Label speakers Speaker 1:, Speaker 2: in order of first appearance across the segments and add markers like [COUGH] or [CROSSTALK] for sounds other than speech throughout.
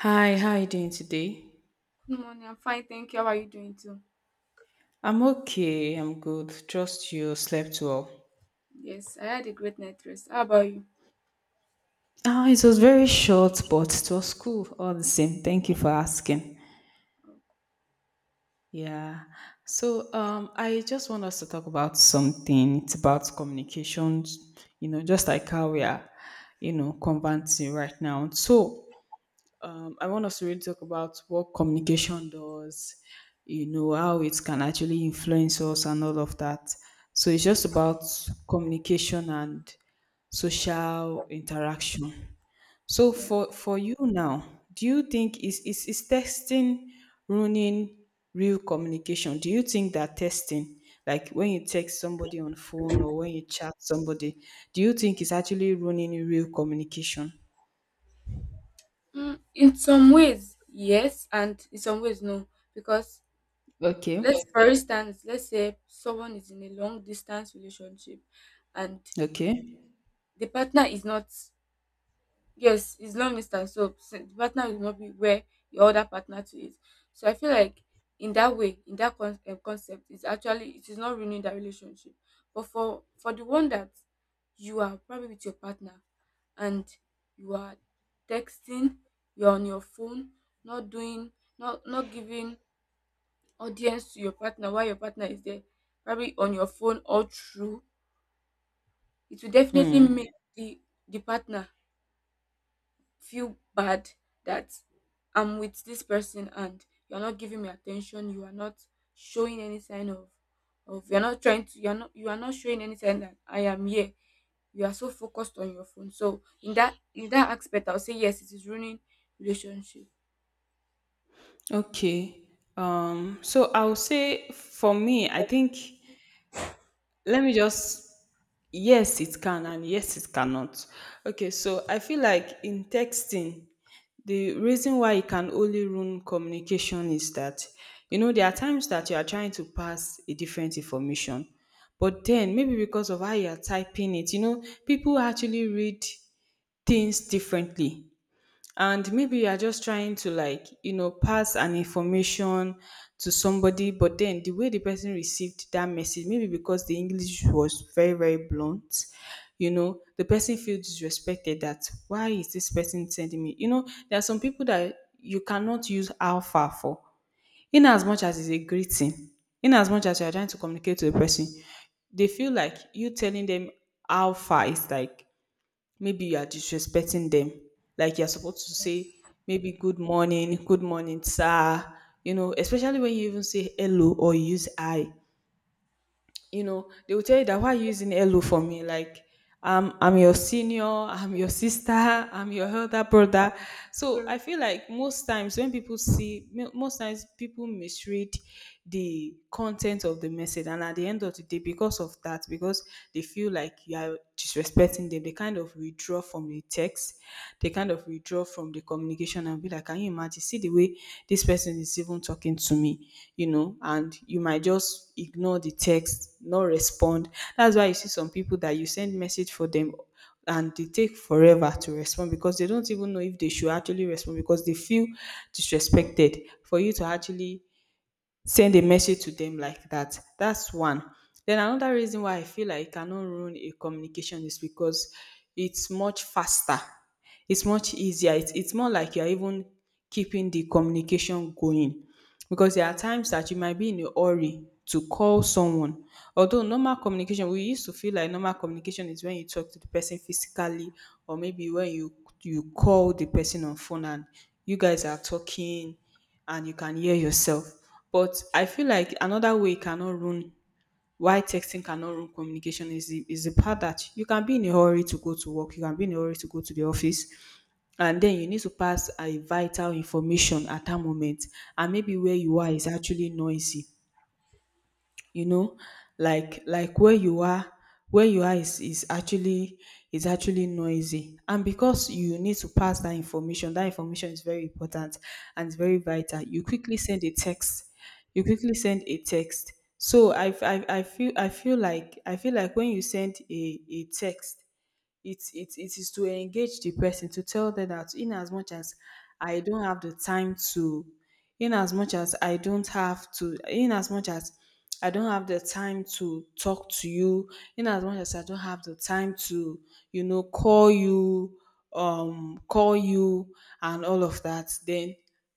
Speaker 1: Hi, how are you doing today?
Speaker 2: Good morning. I'm fine, thank you. How are you doing too?
Speaker 1: I'm okay, I'm good. Trust you slept well.
Speaker 2: Yes, I had a great night rest. How about you?
Speaker 1: Ah, it was very short, but it was cool all the same. Thank you for asking. Yeah. So I just want us to talk about something. It's about communications, just like how we are, conversing right now. So I want us to really talk about what communication does, how it can actually influence us and all of that. So it's just about communication and social interaction. So
Speaker 2: Yeah.
Speaker 1: for you now, do you think is texting ruining real communication? Do you think that texting, like when you text somebody on phone or when you chat somebody, do you think it's actually ruining real communication?
Speaker 2: In some ways, yes, and in some ways, no. Because
Speaker 1: Okay.
Speaker 2: let's say someone is in a long distance relationship, and
Speaker 1: Okay.
Speaker 2: the partner is not. Yes, it's long distance, so the partner will not be where your other partner to is. So I feel like in that way, in that concept, it is not ruining that relationship. But for the one that you are probably with your partner and you are texting, you're on your phone, not doing, not giving audience to your partner while your partner is there, probably on your phone all through, it will definitely make
Speaker 1: Hmm.
Speaker 2: the the partner feel bad that I'm with this person and you're not giving me attention, you are not showing any sign of you're not trying to you are not showing any sign that I am here. You are so focused on your phone. So in that aspect I'll say yes, it is ruining relationship.
Speaker 1: Okay. So I'll say for me, I think let me just yes, it can and yes, it cannot. Okay, so I feel like in texting, the reason why it can only ruin communication is that you know there are times that you are trying to pass a different information, but then maybe because of how you are typing it, people actually read things differently and maybe you are just trying to pass an information to somebody but then the way the person received that message maybe because the english was very very blunt you know the person feels disrespected that why is this person sending me you know there are some people that you cannot use alpha for in as much as it's a greeting in as much as you are trying to communicate to the person they feel like you telling them alpha is like maybe you are disrespecting them. Like you're supposed to say maybe good morning, sir. You know, especially when you even say hello or you use I you know, they will tell you that why are you using hello for me? Like, I'm your senior, I'm your sister, I'm your elder brother. So I
Speaker 2: True.
Speaker 1: feel like most times when people most times people misread the content of the message and at the end of the day, because of that, because they feel like you are disrespecting them, they kind of withdraw from the text, they kind of withdraw from the communication and be like, can you imagine? See the way this person is even talking to me, you know, and you might just ignore the text, not respond. That's why you see some people that you send message for them and they take forever to respond because they don't even know if they should actually respond because they feel disrespected for you to actually send a message to them like that. That's one. Then another reason why I feel like it cannot ruin a communication is because it's much faster. It's much easier. It's more like you're even keeping the communication going. Because there are times that you might be in a hurry to call someone. Although normal communication, we used to feel like normal communication is when you talk to the person physically or maybe when you call the person on phone and you guys are talking and you can hear yourself. But I feel like another way it cannot ruin why texting cannot ruin communication is is the part that you can be in a hurry to go to work, you can be in a hurry to go to the office, and then you need to pass a vital information at that moment, and maybe where you are is actually noisy you know like where you are where you are is, is actually is actually noisy and because you need to pass that information is very important and it's very vital you quickly send a text so I feel like when you send a text it is to engage the person to tell them that in as much as I don't have the time to, in as much as I don't have to, in as much as I don't have the time to talk to you, in as much as I don't have the time to, you know, call you, call you and all of that, then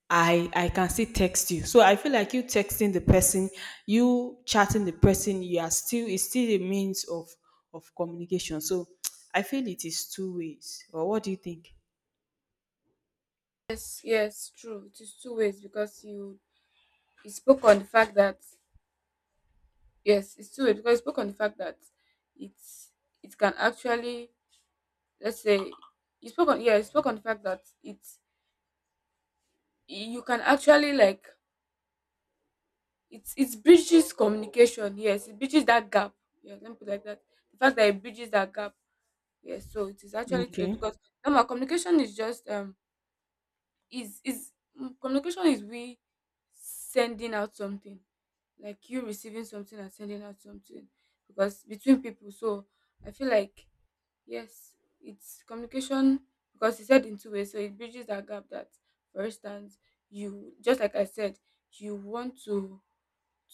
Speaker 1: I can still text you. So I feel like you texting the person, you chatting the person, you are still it's still a means of communication. So [TSK] I feel it is two ways. Or what do you think?
Speaker 2: Yes, yes, true. It is two ways because you spoke on the fact that yes, it's two ways because you spoke on the fact that it's it can actually, let's say, you spoke on, yeah, you spoke on the fact that it's you can actually like it's bridges communication, yes, it bridges that gap. Yeah, let me put it like that, the fact that it bridges that gap. Yes, so it is actually to it
Speaker 1: Okay.
Speaker 2: because normal communication is just is, communication is we sending out something, like you receiving something and sending out something, because between people. So I feel like yes, it's communication, because it's said in two ways, so it bridges that gap that, for instance, you, just like I said, you want to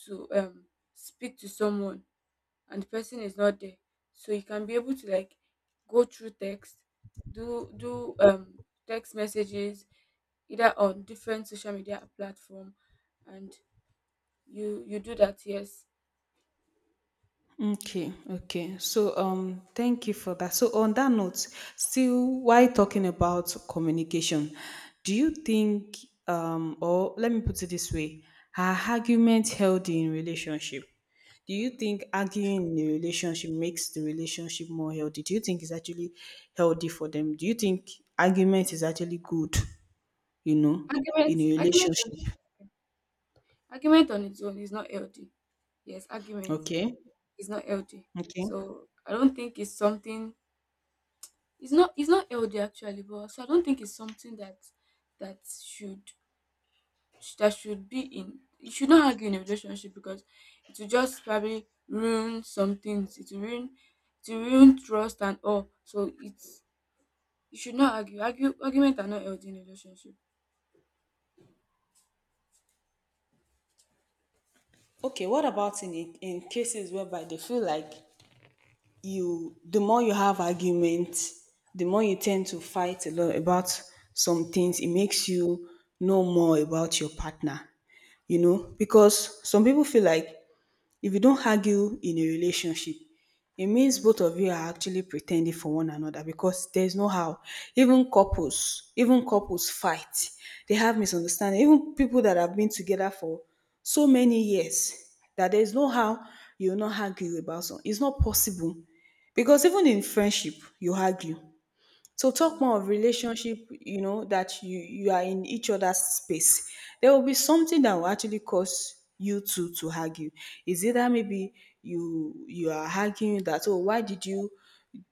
Speaker 2: to um speak to someone and the person is not there, so you can be able to like go through text, do, text messages either on different social media platform, and you do that, yes.
Speaker 1: Okay, okay. So, thank you for that. So, on that note, still while talking about communication, do you think, or let me put it this way, are argument healthy in relationship? Do you think arguing in the relationship makes the relationship more healthy? Do you think it's actually healthy for them? Do you think argument is actually good, you know,
Speaker 2: argument
Speaker 1: in a
Speaker 2: argument on,
Speaker 1: relationship?
Speaker 2: Argument on its own is not healthy. Yes, argument
Speaker 1: Okay,
Speaker 2: is not healthy.
Speaker 1: okay.
Speaker 2: So I don't think it's something, it's not, it's not healthy actually. But so I don't think it's something that that should that should be in. You should not argue in a relationship because it will just probably ruin some things. It will ruin, it will ruin trust and all. So it's, you should not argue. Argument are not healthy in a relationship.
Speaker 1: Okay, what about in cases whereby they feel like you the more you have arguments, the more you tend to fight a lot about some things. It makes you know more about your partner, you know, because some people feel like if you don't argue in a relationship, it means
Speaker 2: Mm,
Speaker 1: both of you are actually pretending for one another because there's no how. Even couples fight. They have misunderstanding. Even people that have been together for so many years that there's no how you will not argue about something. It's not possible because even in friendship, you argue. So talk more
Speaker 2: yeah.
Speaker 1: of relationship, you know, that you are in each other's space. There will be something that will actually cause you two to argue. Is it that maybe you are arguing that oh why did you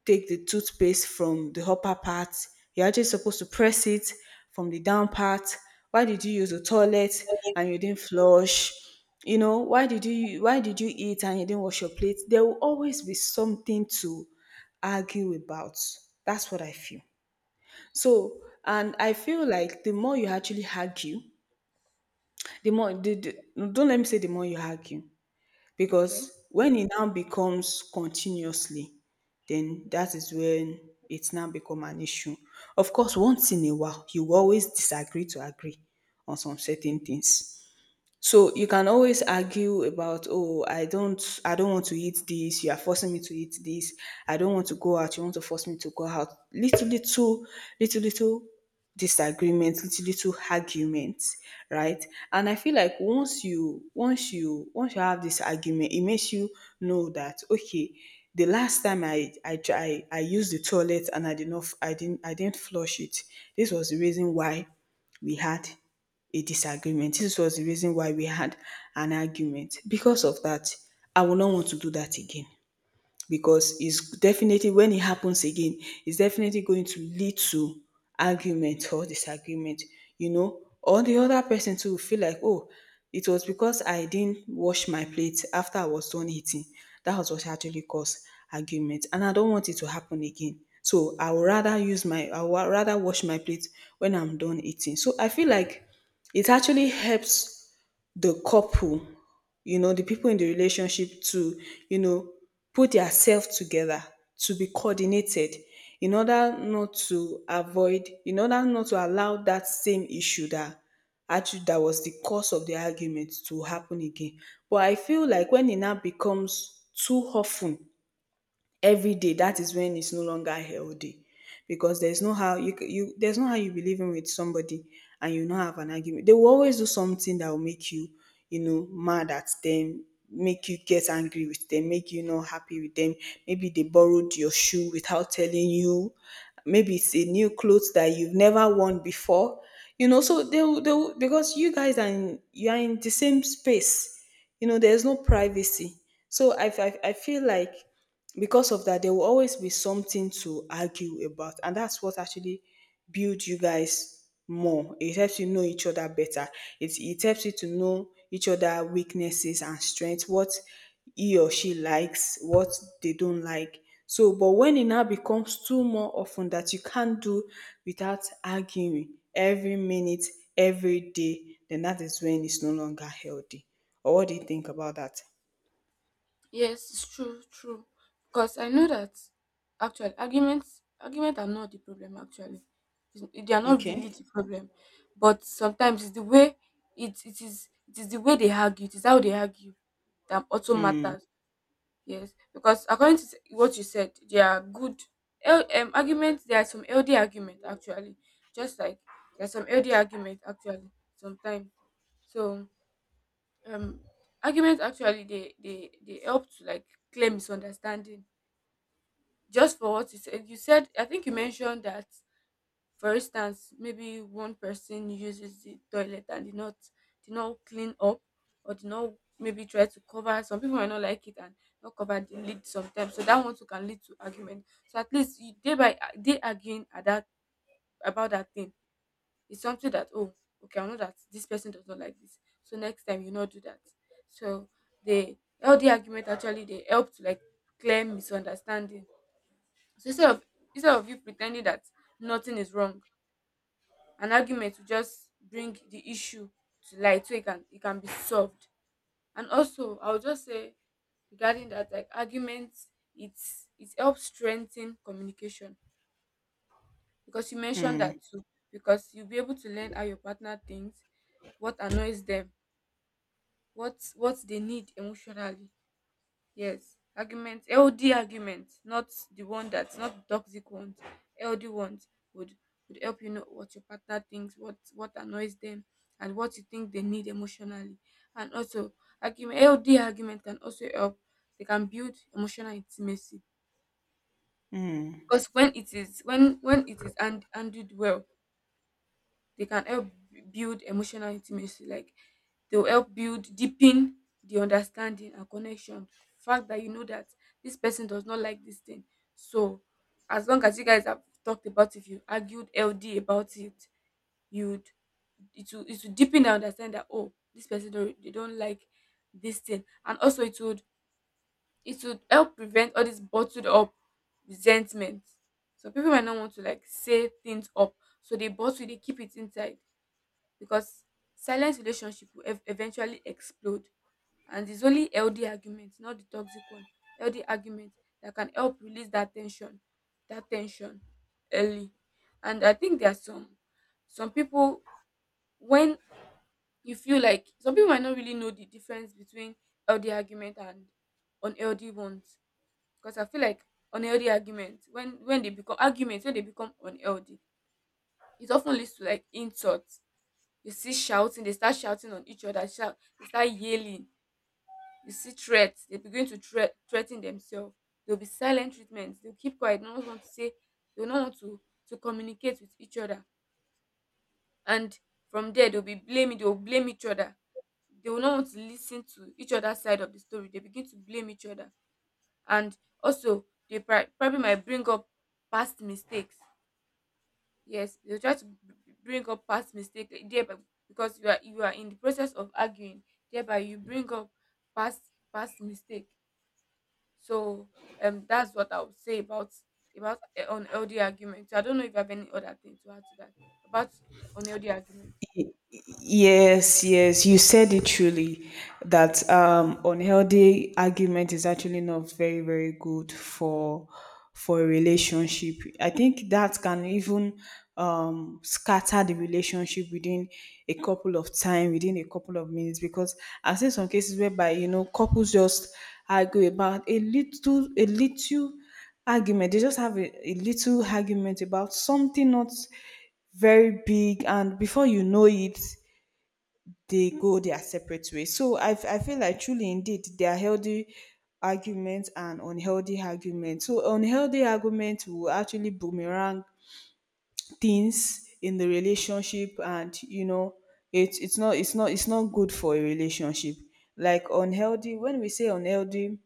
Speaker 1: take the toothpaste from the upper part? You're actually supposed to press it from the down part. Why did you use the toilet and you didn't flush? You know, why did you eat and you didn't wash your plate? There will always be something to argue about. That's what I feel. So, and I feel like the more you actually argue, the more, the, no, don't let me say the more you argue,
Speaker 2: Okay,
Speaker 1: because when it now becomes continuously, then that is when it's now become an issue. Of course, once in a while, you will always disagree to agree on some certain things. So you can always argue about, oh, I don't want to eat this. You are forcing me to eat this. I don't want to go out. You want to force me to go out. Little, little, little, little disagreements, little, little arguments, right? And I feel like once you have this argument, it makes you know that okay, the last time I used the toilet and I did not, I didn't flush it. This was the reason why we had a disagreement. This was the reason why we had an argument. Because of that, I will not want to do that again because it's definitely when it happens again, it's definitely going to lead to argument or disagreement. You know, or the other person too will feel like, oh, it was because I didn't wash my plate after I was done eating. That was what actually caused argument, and I don't want it to happen again. So I would rather wash my plate when I'm done eating. So I feel like it actually helps the couple, you know, the people in the relationship to, you know, put themselves together, to be coordinated in order not to allow that same issue that actually that was the cause of the argument to happen again. But I feel like when it now becomes too often every day, that is when it's no longer healthy, because there's no how you there's no how you be living with somebody and you not have an argument. They will always do something that will make you, you know mad at them, make you get angry with them, make you not happy with them. Maybe they borrowed your shoe without telling you, maybe it's a new clothes that you've never worn before, you know. So they will because you guys are you are in the same space, you know, there's no privacy. So I feel like because of that, there will always be something to argue about, and that's what actually builds you guys more. It helps you know each other better. It helps you to know each other weaknesses and strengths, what he or she likes, what they don't like. So but when it now becomes too more often that you can't do without arguing every minute, every day, then that is when it's no longer healthy. Or what do you think about that?
Speaker 2: yes, it's true, true, because I know that actually argument are not the problem actually. It's- they are not really
Speaker 1: Okay.
Speaker 2: the problem, but sometimes it's the way it is the way they argue, it is how they argue, that also matters. Yes, because according to what you said, there are good arguments. There are some LD argument actually, just like there are some LD argument actually sometimes. So um, arguments actually they they help to like clear misunderstanding. Just for what you said, you said, I think you mentioned that, for instance, maybe one person uses the toilet and did not, did not clean up, or did not maybe try to cover. Some people might not like it and not cover the lid sometimes. So that one too can lead to argument. So at least you, day by day arguing at that, about that thing, is something that, oh, okay, I know that this person does not like this, so next time you not do that. So the healthy argument actually they help to like clear misunderstanding. So instead of you pretending that nothing is wrong, an argument will just bring the issue to light so it can be solved. And also I would just say, regarding that, like, arguments, it's, it helps strengthen communication, because you mentioned that too, because you'll be able to learn how your partner thinks, what annoys them, what they need emotionally. Yes, argument, healthy argument, not the one that's not the toxic ones. Healthy ones would would help you know what your partner thinks, what annoys them, and what you think they need emotionally. And also, argument, healthy argument can also help. They can build emotional intimacy, because when it is, when it is and handled well, they can help build emotional intimacy, like they'll help build, deepen the understanding and connection, fact that you know that this person does not like this thing. So as long as you guys have talked about it, you argued healthy about it, you'd, it will deepen the understanding that, oh, this person don't, they don't like this thing. And also it would, it would help prevent all this bottled up resentment. So people might not want to like say things up, so they bottle, they keep it inside. Because silent relationship will eventually explode, and it's only healthy argument, not the toxic one. Healthy argument that can help release that tension, that tension early. And I think there are some people, when, you feel like some people might not really know the difference between healthy argument and unhealthy ones. Because I feel like unhealthy argument, when, they become arguments, when they become unhealthy, it often leads to like insults. You see shouting, they start shouting on each other, they start yelling. You see threats, they begin to threaten themselves. There'll be silent treatments. They'll keep quiet. No one want to say, they'll not want to communicate with each other. And from there, they'll be blaming, they'll blame each other. They will not want to listen to each other's side of the story. They begin to blame each other. And also, they probably might bring up past mistakes. Yes, they'll try to bring up past mistake, thereby, because you are, you are in the process of arguing, thereby you bring up past past mistake. So that's what I would say about unhealthy argument. So I don't know if you have any other thing to add to that about unhealthy argument.
Speaker 1: Yes, yes, you said it truly that unhealthy argument is actually not very, very good for a relationship. I think that can even scatter the relationship within a couple of time, within a couple of minutes, because I've seen some cases whereby, you know, couples just argue about a little argument. They just have a little argument about something not very big, and before you know it, they go their separate ways. So I feel like truly indeed there are healthy arguments and unhealthy arguments. So unhealthy arguments will actually boomerang things in the relationship, and you know, it's not good for a relationship. Like unhealthy, when we say unhealthy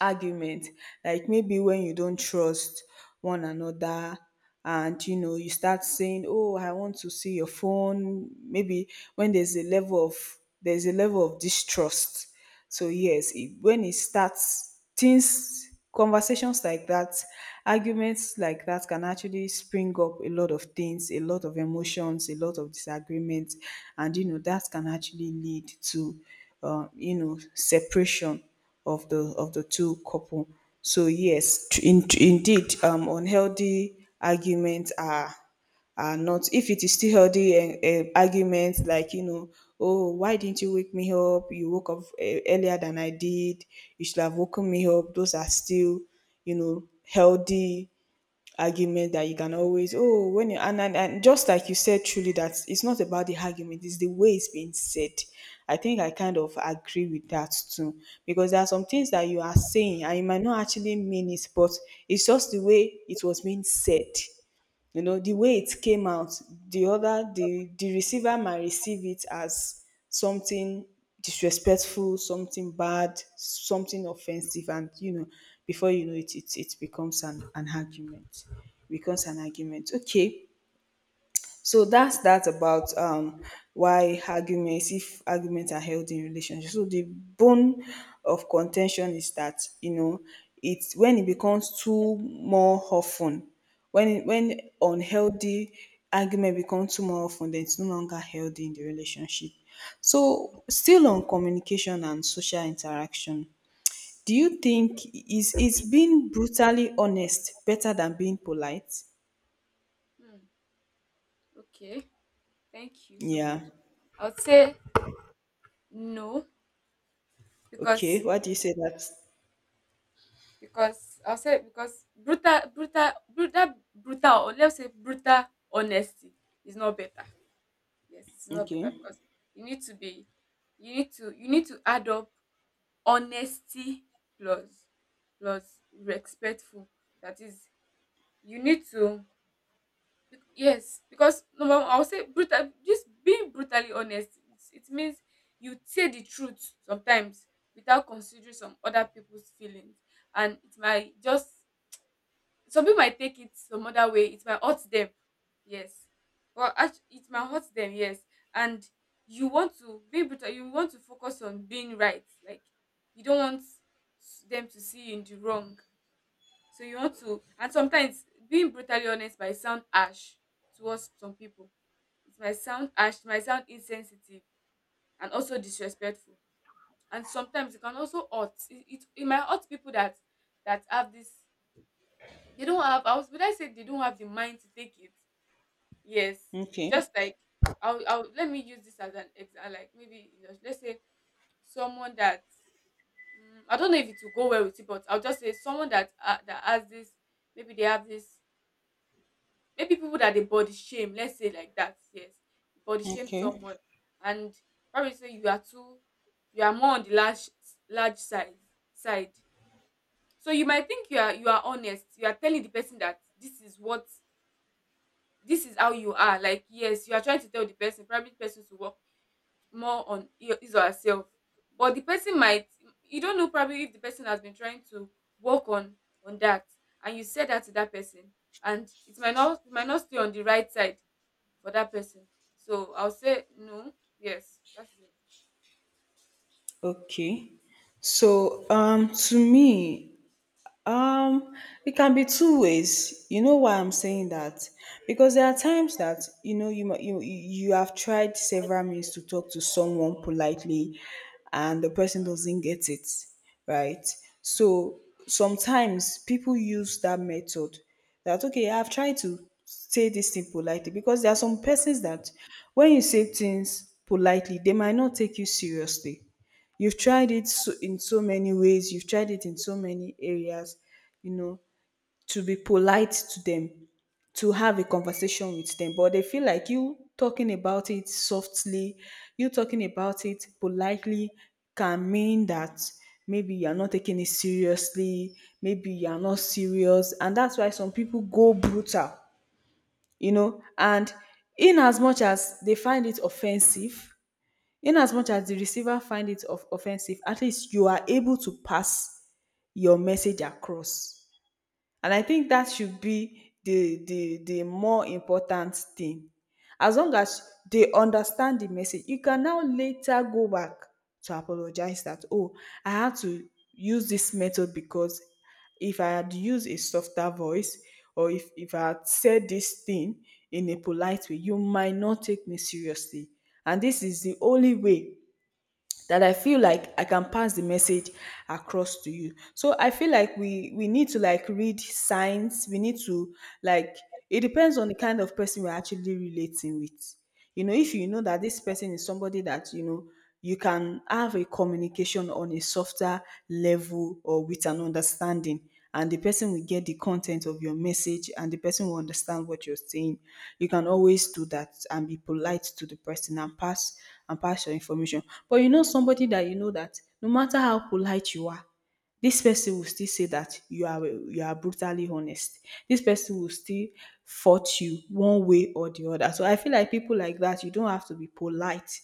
Speaker 1: argument, like maybe when you don't trust one another, and you know, you start saying, oh, I want to see your phone. Maybe when there's a level of distrust. So yes, when it starts things, conversations like that, arguments like that can actually spring up a lot of things, a lot of emotions, a lot of disagreements, and you know that can actually lead to, you know, separation of the two couple. So yes, indeed, unhealthy arguments are not. If it is still healthy arguments, like you know, oh, why didn't you wake me up? You woke up earlier than I did. You should have woken me up. Those are still, you know, healthy argument that you can always. Oh, when you and just like you said truly that it's not about the argument, it's the way it's being said. I think I kind of agree with that too, because there are some things that you are saying and you might not actually mean it, but it's just the way it was being said, you know, the way it came out. The other the the receiver might receive it as something disrespectful, something bad, something offensive, and you know, before you know it, it becomes an argument, becomes an argument. Okay. So that's that about why arguments, if arguments are held in relationships. So the bone of contention is that, you know, it's when it becomes too more often, when unhealthy argument becomes too more often, then it's no longer healthy in the relationship. So still on communication and social interaction, do you think is being brutally honest better than being polite?
Speaker 2: Hmm, okay, thank you so much.
Speaker 1: Yeah.
Speaker 2: I would say no,
Speaker 1: Okay.
Speaker 2: because,
Speaker 1: What do you say that?
Speaker 2: because I'll say because brutal brutal brutal brutal or let's say brutal honesty is not better. Yes, it's not
Speaker 1: Okay,
Speaker 2: better because you need to be, you need to add up honesty plus, plus respectful. That is, you need to, yes, because number one, I'll say brutal, just being brutally honest, it's, it means you say the truth sometimes without considering some other people's feelings, and it might just, some people might take it some other way, it might hurt them, yes, but it might hurt them, yes. And you want to be able to, you want to focus on being right, like you don't want them to see you in the wrong. So you want to, and sometimes being brutally honest might sound harsh towards some people, it might sound harsh, it might sound insensitive, and also disrespectful. And sometimes it can also hurt, it might hurt people that, that have this, they don't have. I was. Would I say they don't have the mind to take it? Yes.
Speaker 1: okay,
Speaker 2: Just like I'll let me use this as an example. Like maybe let's say someone that, I don't know if it will go well with it, but I'll just say someone that that has this. Maybe they have this. Maybe people that they body shame. Let's say like that. Yes, body shame
Speaker 1: okay,
Speaker 2: someone, and probably say you are too, you are more on the large side. So you might think you are, you are honest, you are telling the person that this is what, this is how you are, like yes, you are trying to tell the person, probably the person to work more on his or herself. But the person might, you don't know probably if the person has been trying to work on that, and you said that to that person, and it might not, it might not stay on the right side for that person. So I'll say no. Yes, that's it.
Speaker 1: okay. So, to me, Um, it can be two ways. You know why I'm saying that? Because there are times that, you know, you you have tried several means to talk to someone politely, and the person doesn't get it, right? So sometimes people use that method. That okay, I've tried to say this thing politely, because there are some persons that when you say things politely, they might not take you seriously. You've tried it so in so many ways, you've tried it in so many areas, you know, to be polite to them, to have a conversation with them, but they feel like you talking about it softly, you talking about it politely can mean that maybe you're not taking it seriously, maybe you're not serious, and that's why some people go brutal, you know. And in as much as they find it offensive, inasmuch as the receiver find it of offensive, at least you are able to pass your message across, and I think that should be the more important thing. As long as they understand the message, you can now later go back to apologize that, oh, I had to use this method because if I had used a softer voice, or if I had said this thing in a polite way, you might not take me seriously, and this is the only way that I feel like I can pass the message across to you. So I feel like we need to like read signs. We need to like, it depends on the kind of person we're actually relating with. You know, if
Speaker 2: Yes.
Speaker 1: you know that this person is somebody that, you know, you can have a communication on a softer level or with an understanding, and the person will get the content of your message and the person will understand what you're saying, you can always do that and be polite to the person and pass your information. But you know somebody that you know that no matter how polite you are, this person will still say that you are brutally honest. This person will still fault you one way or the other. So I feel like people like that, you don't have to be polite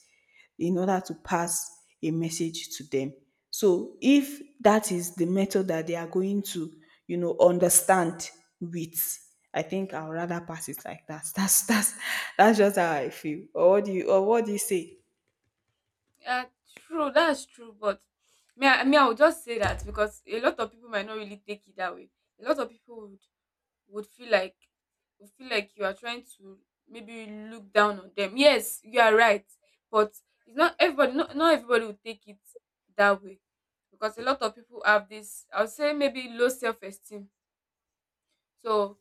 Speaker 1: in order to pass a message to them. So if that is the method that they are going to, you know, understand with, I think I'll rather pass it like that. [LAUGHS] That's that's just how I feel. Or what do you, say?
Speaker 2: Yeah, true, that's true, but me, I would just say that because a lot of people might not really take it that way. A lot of people would feel like, would feel like you are trying to maybe look down on them. Yes, you are right, but it's not everybody. Not everybody will take it that way, because a lot of people have this, I would say maybe low self esteem. So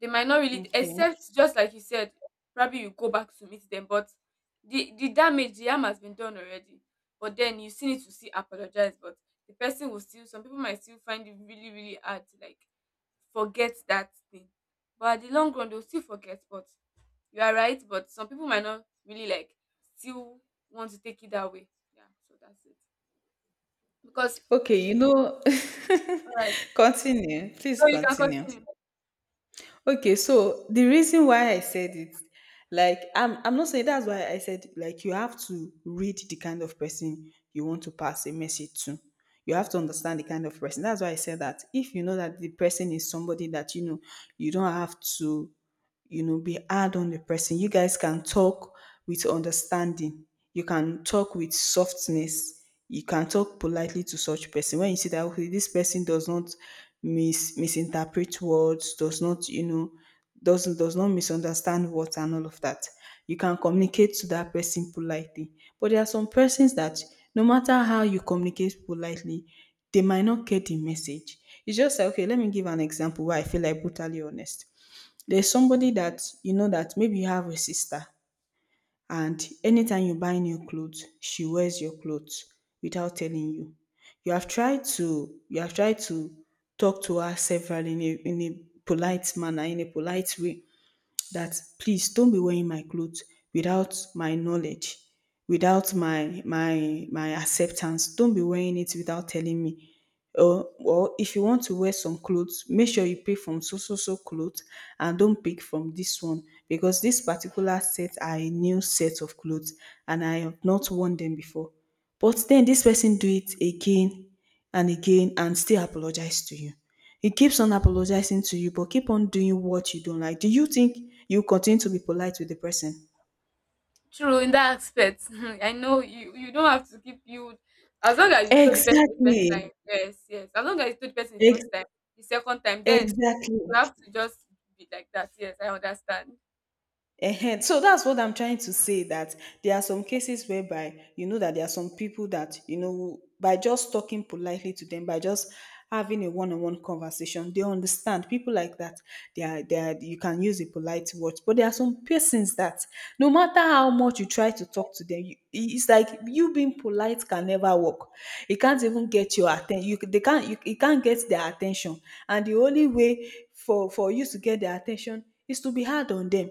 Speaker 2: they might not really
Speaker 1: Okay.
Speaker 2: except, just like you said, probably you go back to meet them, but the damage, the harm has been done already. But then you still need to see apologize, but the person will still, some people might still find it really really hard to like forget that thing. But at the long run they'll still forget. But you are right, but some people might not really like still want to take it that way, yeah. So that's it. Because
Speaker 1: Okay, you know,
Speaker 2: all right,
Speaker 1: [LAUGHS] continue. Please
Speaker 2: so you can
Speaker 1: continue.
Speaker 2: continue.
Speaker 1: Okay, so the reason why I said it, like I'm not saying, that's why I said, like, you have to read the kind of person you want to pass a message to. You have to understand the kind of person. That's why I said that. If you know that the person is somebody that you know, you don't have to, you know, be hard on the person. You guys can talk with understanding. You can talk with softness. You can talk politely to such person. When you see that, okay, this person does not misinterpret words, does not, you know, does not misunderstand words and all of that, you can communicate to that person politely. But there are some persons that no matter how you communicate politely, they might not get the message. It's just like, okay, let me give an example where I feel like brutally honest. There's somebody that you know that, maybe you have a sister, and anytime you buy new clothes, she wears your clothes without telling you. You have tried to talk to her several, in a polite manner, in a polite way, that please don't be wearing my clothes without my knowledge, without my acceptance. Don't be wearing it without telling me. Or if you want to wear some clothes, make sure you pick from so so so clothes and don't pick from this one, because this particular set are a new set of clothes, and I have not worn them before. But then this person do it again and again and still apologize to you. He keeps on apologizing to you, but keep on doing what you don't like. Do you think you continue to be polite with the person?
Speaker 2: True in that aspect. [LAUGHS] I know you don't have to keep you, as long as you told the person the first
Speaker 1: Exactly.
Speaker 2: time. Yes, yes. As long as you told the person the first
Speaker 1: Ex-
Speaker 2: time, the second time, then you
Speaker 1: exactly.
Speaker 2: have to just be like that. Yes, I understand.
Speaker 1: Ehen, so that's what I'm trying to say, that there are some cases whereby you know that there are some people that you know, by just talking politely to them, by just having a one-on-one conversation, they understand. People like that, they are you can use a polite word. But there are some persons that no matter how much you try to talk to them, it's like you being polite can never work. It can't
Speaker 2: True.
Speaker 1: even get your attention. You they can't you it can't get their attention, and the only way for you to get their attention is to be hard on them.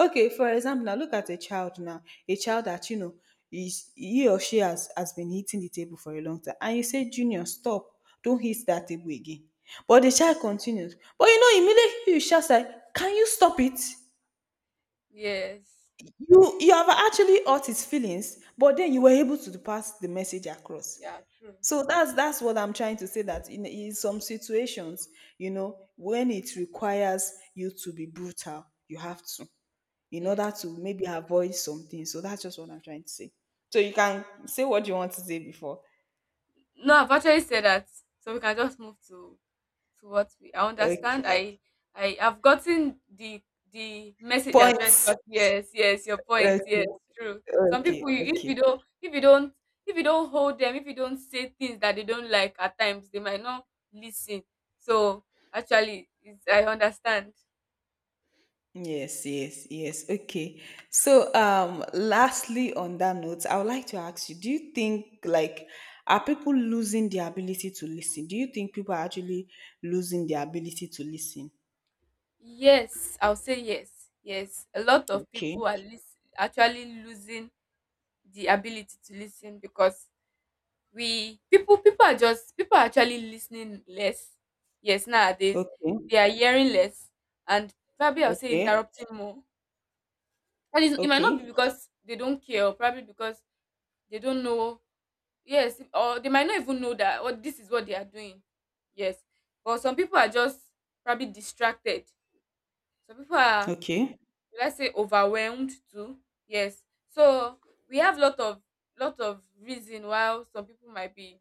Speaker 1: Okay, for example, now look at a child now, a child that, you know, is, he or she has been hitting the table for a long time, and you say, "Junior, stop! Don't hit that table again." But the child continues. But you know, immediately you shout like, "Can you stop it?"
Speaker 2: Yes.
Speaker 1: You have actually hurt his feelings, but then you were able to pass the message across.
Speaker 2: Yeah, true.
Speaker 1: So that's what I'm trying to say. That in some situations, you know, when it requires you to be brutal, you have to, in order
Speaker 2: Yes.
Speaker 1: to maybe avoid something. So that's just what I'm trying to say. So you can say what you want to say before.
Speaker 2: No, I've actually said that. So we can just move to what we, I
Speaker 1: Okay.
Speaker 2: understand. I have gotten the message you're trying to
Speaker 1: Points.
Speaker 2: pass. Yes, yes, your
Speaker 1: Okay.
Speaker 2: point. Yes, true. Some
Speaker 1: Okay.
Speaker 2: people you- if you
Speaker 1: Okay.
Speaker 2: don't if you don't if you don't hold them, if you don't say things that they don't like at times, they might not listen. So actually it's, I understand.
Speaker 1: Yes, yes, yes. Okay. So lastly on that note, I would like to ask you, do you think like are people losing their ability to listen? Do you think people are actually losing their ability to listen?
Speaker 2: Yes, I'll say yes. Yes. A lot of
Speaker 1: Okay.
Speaker 2: people are lis- actually losing the ability to listen. Because we people are just, people are actually listening less, yes, nowadays.
Speaker 1: Okay.
Speaker 2: They are hearing less, and probably I'll say
Speaker 1: Okay.
Speaker 2: interrupting more. And it's, it might not be
Speaker 1: Okay.
Speaker 2: because they don't care, or probably because they don't know. Yes, or they might not even know that or this is what they are doing. Yes, but some people are just probably distracted. Some people are,
Speaker 1: Okay.
Speaker 2: let's say, overwhelmed too. Yes, so we have lot of, lot of reason why some people might be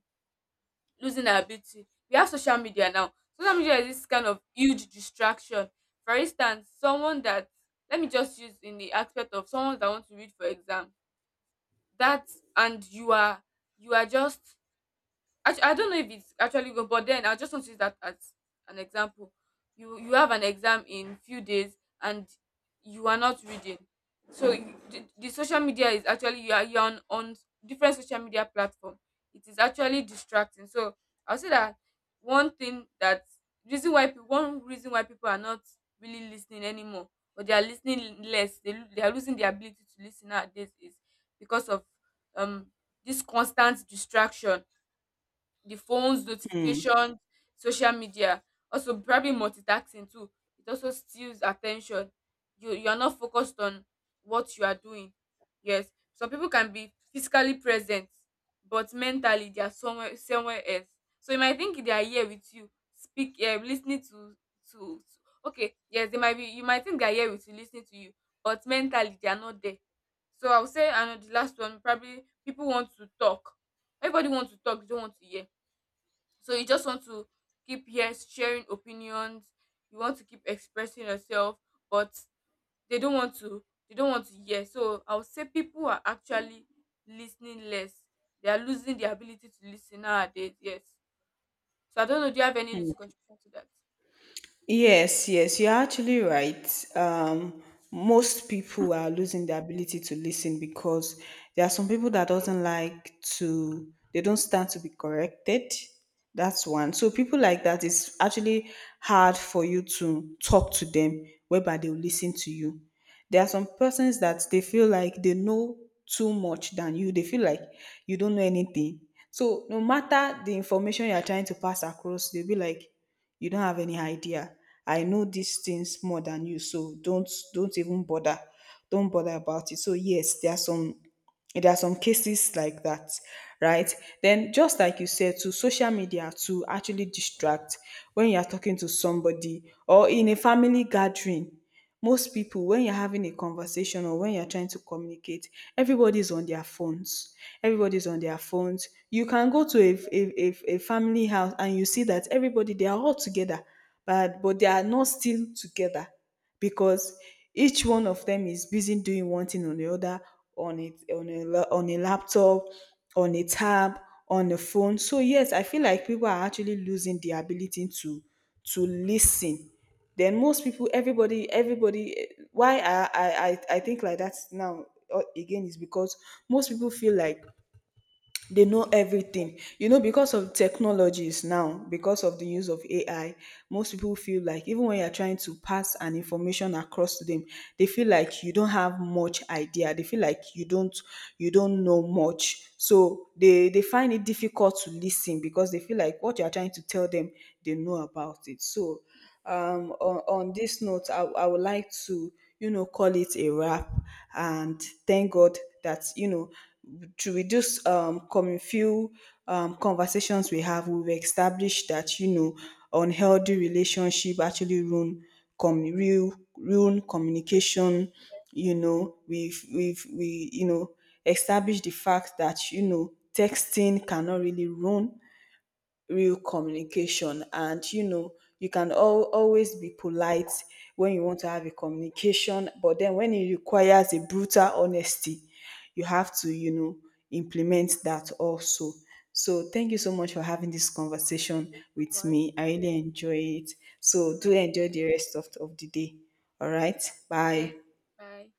Speaker 2: losing our beauty. We have social media now. Social media is this kind of huge distraction. For instance, someone that, let me just use in the aspect of someone that wants to read for exam. That, and you are, you are just, I don't know if it's actually good, but then I just want to use that as an example. You have an exam in few days and you are not reading. So the social media is actually, you are, you're on different social media platform. It is actually distracting. So I'll say that one thing that, reason why people, one reason why people are not really listening anymore, or they are listening less, they, lo- they are losing the ability to listen nowadays, is because of um this constant distraction, the phones,
Speaker 1: Hmm.
Speaker 2: notifications, social media. Also, probably multitasking too. It also steals attention. You are not focused on what you are doing. Yes, some people can be physically present, but mentally they are somewhere somewhere else. So you might think they are here with you, speak, listening to to. Okay, yes, they might be. You might think they are here with you, listening to you, but mentally they are not there. So I would say, and the last one, probably people want to talk. Everybody wants to talk, they don't want to hear. So you just want to keep, yes, sharing opinions, you want to keep expressing yourself. But they don't want to hear. So I would say people are actually listening less, they are losing the ability to listen nowadays, yes. So I don't know, do you have any little contribution to that?
Speaker 1: Yes, yes, you're actually right. Most people are losing the ability to listen because there are some people that doesn't like to, they don't stand to be corrected. That's one. So people like that, it's actually hard for you to talk to them, whereby they'll listen to you. There are some persons that they feel like they know too much than you. They feel like you don't know anything. So no matter the information you are trying to pass across, they'll be like, you don't have any idea. I know these things more than you, so don't even bother, don't bother about it. So yes, there are some cases like that, right? Then just like you said, to social media to actually distract, when you are talking to somebody or in a family gathering, most people, when you're having a conversation or when you're trying to communicate, everybody's on their phones, everybody's on their phones. You can go to a family house, and you see that everybody, they are all together, but they are not still together, because each one of them is busy doing one thing or the other, on it, on a laptop, on a tab, on a phone. So yes, I feel like people are actually losing the ability to listen. Then most people, everybody eh, why I I think like that now, again, is because most people feel like they know everything, you know, because of technologies now, because of the use of AI, most people feel like even when you're trying to pass an information across to them, they feel like you don't have much idea, they feel like you don't know much. So they find it difficult to listen because they feel like what you're trying to tell them, they know about it. So
Speaker 2: Sure.
Speaker 1: on this note, I would like to, you know, call it a wrap, and thank god that, you know, to reduce coming few conversations we have, we've established that, you know, unhealthy relationship actually ruin com real ruin
Speaker 2: Okay,
Speaker 1: communication. You know, we you know, established the fact that, you know, texting cannot really ruin real communication, and you know, you can always be polite when you want to have a communication, but then when it requires a brutal honesty, you have to, you know, implement that also. So thank you so much for having this
Speaker 2: thank
Speaker 1: conversation
Speaker 2: you so
Speaker 1: with
Speaker 2: much.
Speaker 1: me, I really enjoy it. So
Speaker 2: Same
Speaker 1: do
Speaker 2: here.
Speaker 1: enjoy the rest of the day. All right,
Speaker 2: Yes,
Speaker 1: bye.
Speaker 2: bye.